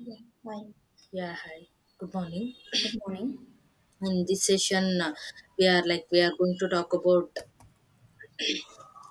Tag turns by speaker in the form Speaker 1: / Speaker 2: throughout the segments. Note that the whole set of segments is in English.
Speaker 1: Yeah. Hi.
Speaker 2: Yeah, hi. Good morning.
Speaker 1: Good morning.
Speaker 2: In this session, we are going to talk about.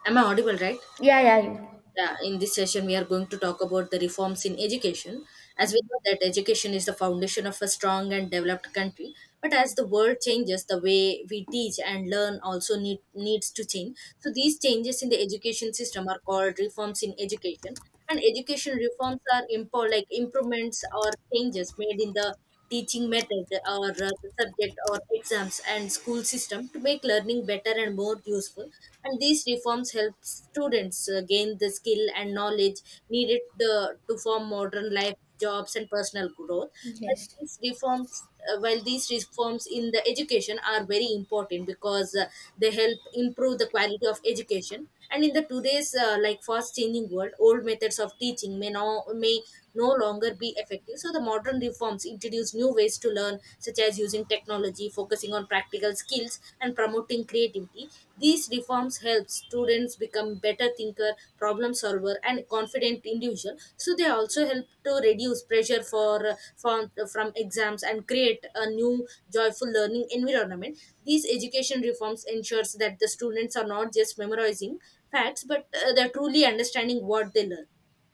Speaker 2: Am I audible, right?
Speaker 1: Yeah, yeah, you.
Speaker 2: Yeah. In this session, we are going to talk about the reforms in education. As we know that education is the foundation of a strong and developed country, but as the world changes, the way we teach and learn also needs to change. So these changes in the education system are called reforms in education. And education reforms are like improvements or changes made in the teaching method or the subject or exams and school system to make learning better and more useful, and these reforms help students gain the skill and knowledge needed to form modern life, jobs and personal growth. But
Speaker 1: Yes.
Speaker 2: these reforms while these reforms in the education are very important, because they help improve the quality of education. And in the today's like fast changing world, old methods of teaching may no longer be effective, so the modern reforms introduce new ways to learn, such as using technology, focusing on practical skills and promoting creativity. These reforms help students become better thinker, problem solver and confident individual, so they also help to reduce pressure from exams and create a new joyful learning environment. These education reforms ensures that the students are not just memorizing facts, but they're truly understanding what they learn.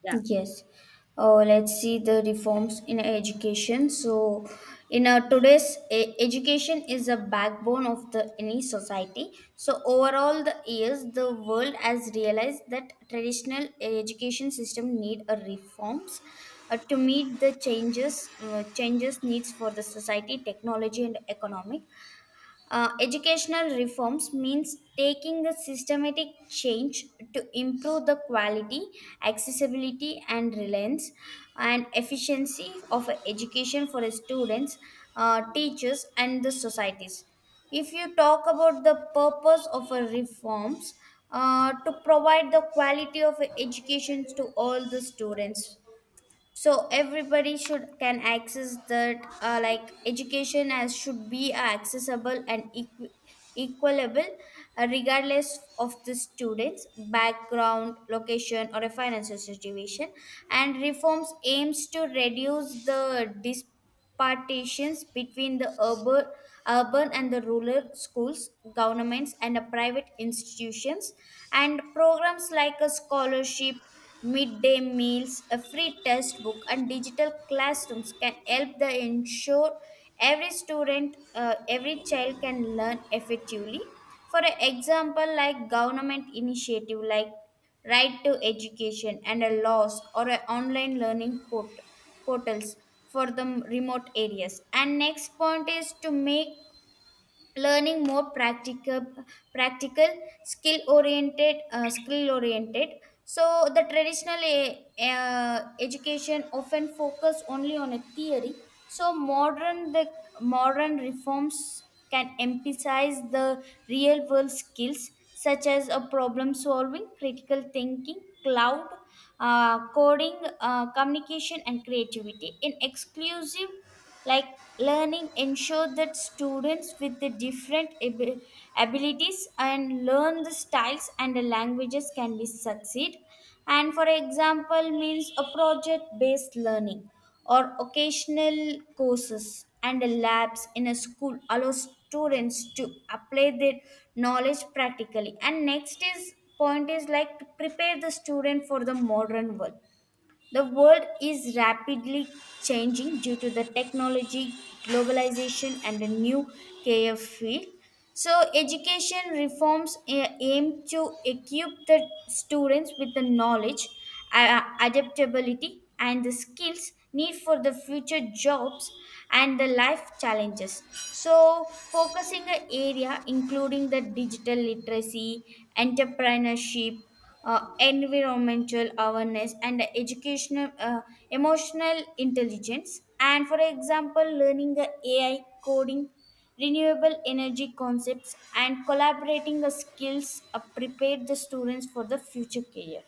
Speaker 2: Yeah,
Speaker 1: Yes. Let's see the reforms in education. So, in our today's education is a backbone of the any society. So, overall, the years the world has realized that traditional education system need a reforms to meet the changes needs for the society, technology, and economic. Educational reforms means taking the systematic change to improve the quality, accessibility, and reliance and efficiency of education for students, teachers, and the societies. If you talk about the purpose of a reforms, to provide the quality of education to all the students so everybody should can access that like education as should be accessible and equalable regardless of the students background location or a financial situation, and reforms aims to reduce the dispartitions between the urban and the rural schools governments and private institutions, and programs like a scholarship, midday meals, a free textbook, and digital classrooms can help the ensure every student, every child can learn effectively. For example, like government initiative like Right to Education and a laws or a online learning portals for the remote areas. And next point is to make learning more practical skill oriented skill oriented, so the traditional education often focus only on a theory, so modern reforms can emphasize the real world skills such as a problem solving, critical thinking, cloud, coding, communication and creativity in exclusive like learning ensure that students with the different abilities and learn the styles and the languages can be succeed. And for example means a project based learning or occasional courses and labs in a school allow students to apply their knowledge practically. And next is point is like to prepare the student for the modern world. The world is rapidly changing due to the technology, globalization, and a new care field. So, education reforms aim to equip the students with the knowledge, adaptability, and the skills need for the future jobs and the life challenges. So, focusing an area including the digital literacy, entrepreneurship, environmental awareness and educational emotional intelligence, and for example learning the AI, coding, renewable energy concepts, and collaborating the skills prepare the students for the future career.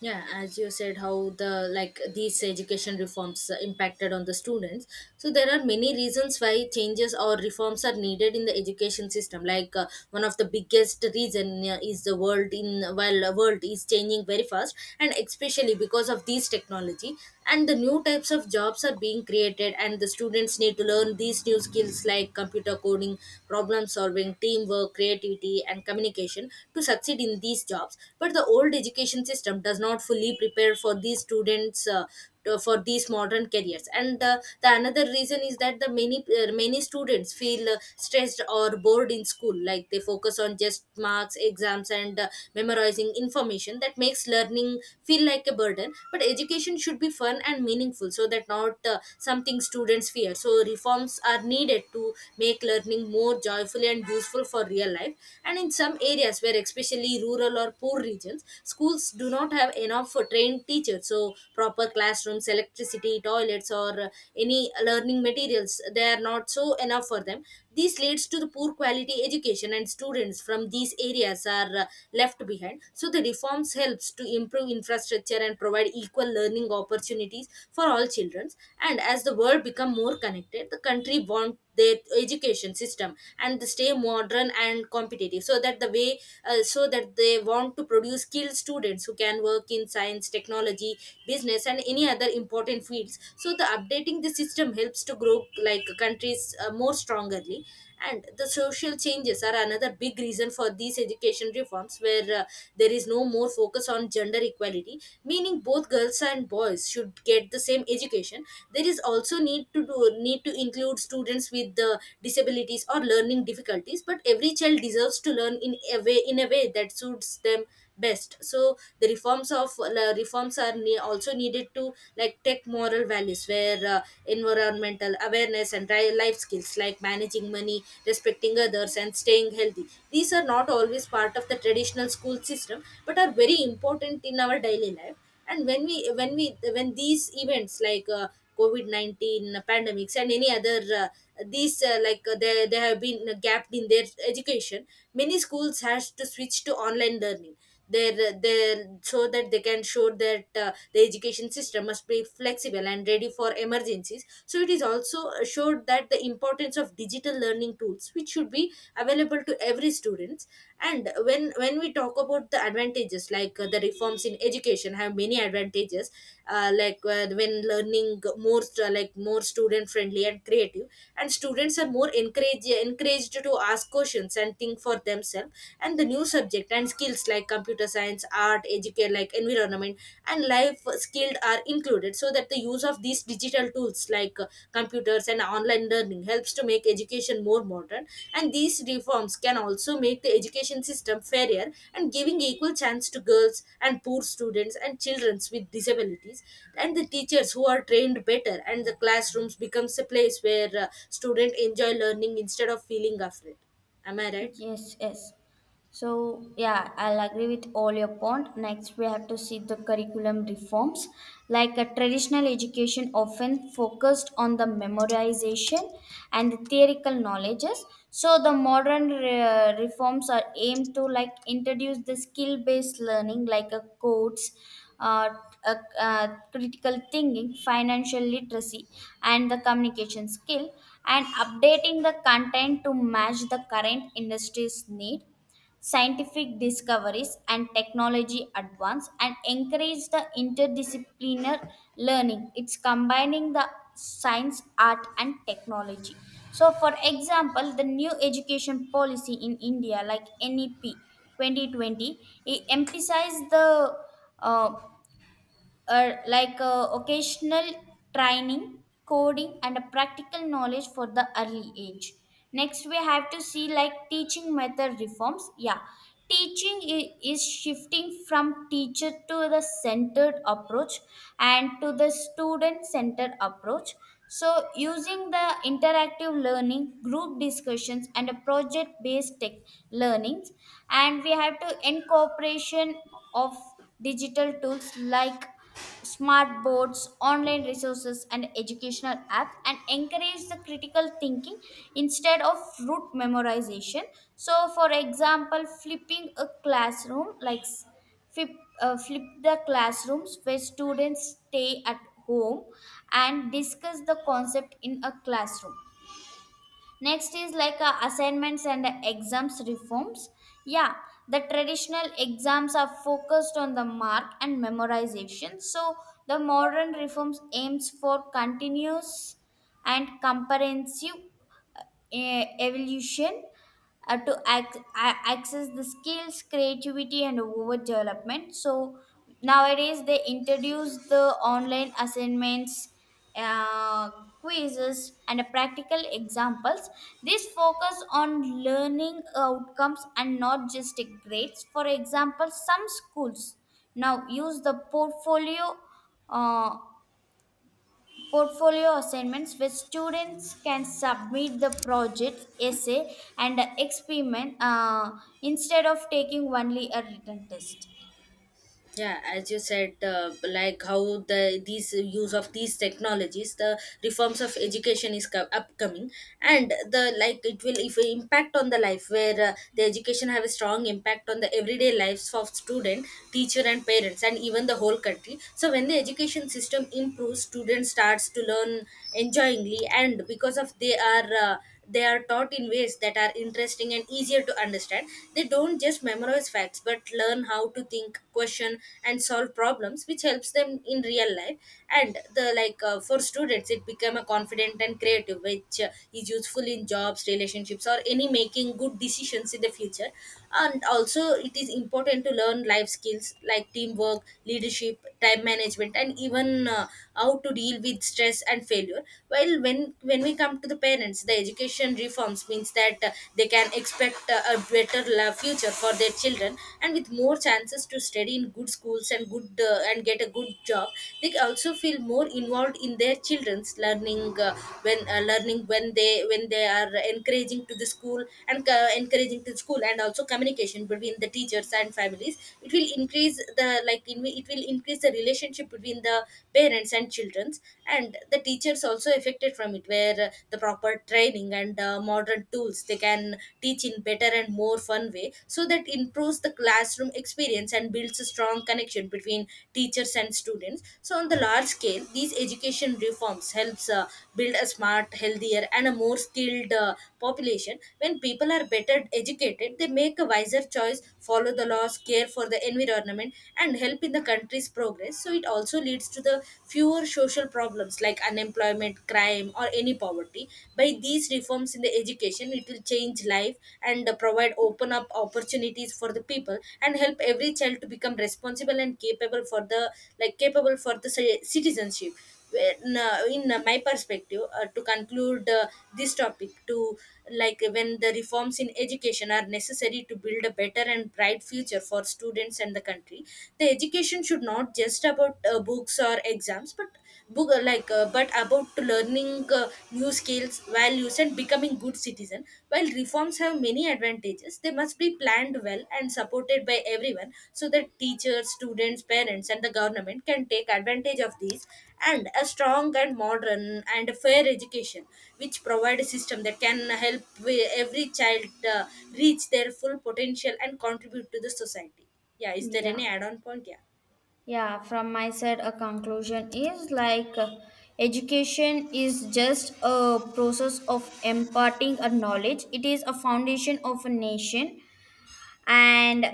Speaker 2: yeah. As you said, how the like these education reforms impacted on the students. So there are many reasons why changes or reforms are needed in the education system. Like, one of the biggest reason is the world in while the world is changing very fast, and especially because of these technology, and the new types of jobs are being created and the students need to learn these new skills like computer coding, problem solving, teamwork, creativity and communication to succeed in these jobs. But the old education system does not fully prepare for these students for these modern careers. And the another reason is that the many many students feel stressed or bored in school, like they focus on just marks, exams and memorizing information that makes learning feel like a burden. But education should be fun and meaningful, so that not something students fear, so reforms are needed to make learning more joyful and useful for real life. And in some areas, where especially rural or poor regions, schools do not have enough trained teachers, so proper classrooms, electricity, toilets or any learning materials, they are not so enough for them. This leads to the poor quality education, and students from these areas are left behind, so the reforms helps to improve infrastructure and provide equal learning opportunities for all children. And as the world become more connected, the country want their education system, and they stay modern and competitive, so that the way so that they want to produce skilled students who can work in science, technology, business, and any other important fields. So the updating the system helps to grow like countries more strongly. And the social changes are another big reason for these education reforms, where there is no more focus on gender equality, meaning both girls and boys should get the same education. There is also need to include students with the disabilities or learning difficulties, but every child deserves to learn in a way that suits them best. So the reforms are also needed to like tech moral values, where environmental awareness and life skills like managing money, respecting others and staying healthy, these are not always part of the traditional school system, but are very important in our daily life. And when these events like, COVID-19 pandemics and any other, these like they have been gapped in their education. Many schools has to switch to online learning, their their so that they can show that the education system must be flexible and ready for emergencies. So it is also showed that the importance of digital learning tools, which should be available to every students. And when we talk about the advantages, like, the reforms in education have many advantages. Like, when learning more, like more student friendly and creative, and students are more encouraged to ask questions and think for themselves. And the new subject and skills like computer science, art, educate like environment and life skilled are included, so that the use of these digital tools like, computers and online learning helps to make education more modern. And these reforms can also make the education system fairer and giving equal chance to girls and poor students and children with disabilities. And the teachers who are trained better and the classrooms becomes a place where students enjoy learning instead of feeling afraid. Am I right?
Speaker 1: Yes, yes. So, yeah, I'll agree with all your point. Next, we have to see the curriculum reforms. Like a traditional education often focused on the memorization and the theoretical knowledges. So, the modern reforms are aimed to like introduce the skill-based learning, like a codes, uh, critical thinking, financial literacy, and the communication skill, and updating the content to match the current industry's need, scientific discoveries and technology advance, and encourage the interdisciplinar learning, it's combining the science, art and technology. So for example, the new education policy in india like NEP 2020, it emphasized the uh, or like occasional training, coding, and a practical knowledge for the early age. Next, we have to see like teaching method reforms. Yeah, teaching is shifting from teacher to the centered approach and to the student centered approach. So, using the interactive learning, group discussions, and a project based tech learnings, and we have to incorporation of digital tools like smart boards, online resources, and educational apps, and encourage the critical thinking instead of rote memorization. So, for example, flipping a classroom, flip, flip the classrooms where students stay at home and discuss the concept in a classroom. Next is like assignments and exams reforms. Yeah, the traditional exams are focused on the mark and memorization. So the modern reforms aims for continuous and comprehensive evolution to access the skills creativity and over development. So nowadays they introduce the online assignments, uh, quizzes and practical examples. This focus on learning outcomes and not just grades. For example, some schools now use the portfolio, uh, portfolio assignments where students can submit the project essay and experiment instead of taking only a written test.
Speaker 2: Yeah, as you said, like how these use of these technologies, the reforms of education is upcoming. And the like it will if impact on the life, where the education have a strong impact on the everyday lives of student, teacher and parents and even the whole country. So when the education system improves, students starts to learn enjoyingly, and because of they are, they are taught in ways that are interesting and easier to understand. They don't just memorize facts, but learn how to think, question and solve problems, which helps them in real life. And the like, for students it become a confident and creative, which is useful in jobs, relationships or any making good decisions in the future. And also it is important to learn life skills like teamwork, leadership, time management and even, how to deal with stress and failure. Well, when we come to the parents, the education reforms means that they can expect a better future for their children, and with more chances to study in good schools and good and get a good job. They also feel more involved in their children's learning, when they when they are encouraging to the school, and encouraging to school. And also communication between the teachers and families, it will increase the like in, it will increase the relationship between the parents and children's. And the teachers also affected from it, where the proper training and modern tools, they can teach in better and more fun way, so that improves the classroom experience and builds a strong connection between teachers and students. So on the large scale, these education reforms helps build a smart, healthier and a more skilled population. When people are better educated, they make a wiser choice, follow the laws, care for the environment and help in the country's progress. So it also leads to the fewer core social problems like unemployment, crime, or any poverty. By these reforms in the education, it will change life and provide, open up opportunities for the people and help every child to become responsible and capable for the citizenship. In my perspective, to conclude, this topic to, like, when the reforms in education are necessary to build a better and bright future for students and the country. The education should not just about, books or exams, but book like but about learning, new skills, values and becoming good citizen. While reforms have many advantages, they must be planned well and supported by everyone, so that teachers, students, parents and the government can take advantage of these. And a strong and modern and fair education, which provide a system that can help every child uh, reach their full potential and contribute to the society. Yeah, is there
Speaker 1: Yeah,
Speaker 2: any add-on point? Yeah,
Speaker 1: yeah, from my side a conclusion is like education is just a process of imparting a knowledge, it is a foundation of a nation and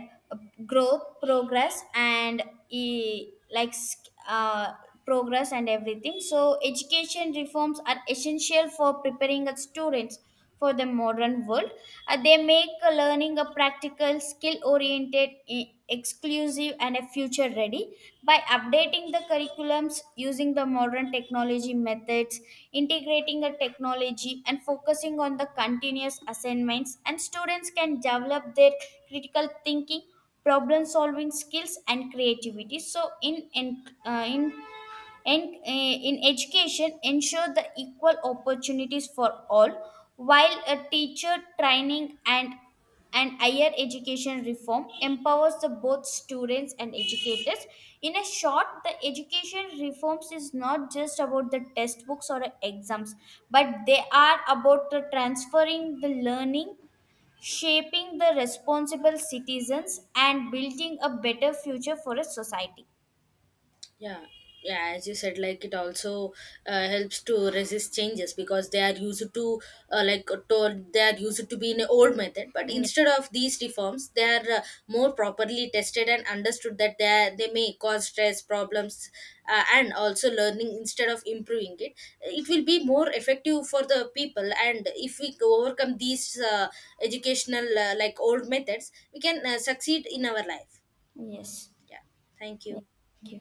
Speaker 1: growth progress and e- like sk- uh, progress and everything. So education reforms are essential for preparing our students for the modern world. They make learning a practical skill oriented, exclusive and a future ready, by updating the curriculums using the modern technology methods, integrating the technology and focusing on the continuous assignments, and students can develop their critical thinking, problem solving skills and creativity. So in education ensure the equal opportunities for all, while a teacher training and higher education reform empowers the both students and educators. In a short, the education reforms is not just about the textbooks or exams, but they are about the transferring the learning, shaping the responsible citizens and building a better future for a society.
Speaker 2: yeah, yeah. As you said, like it also helps to resist changes, because they are used to, like told, they are used to be in an old method. But
Speaker 1: Yeah.
Speaker 2: instead of these reforms, they are more properly tested and understood that they may cause stress problems, and also learning instead of improving it will be more effective for the people. And if we go overcome these, educational, like, old methods, we can succeed in our life.
Speaker 1: Yes.
Speaker 2: Yeah, thank
Speaker 1: Yeah.
Speaker 2: you.
Speaker 1: Thank you.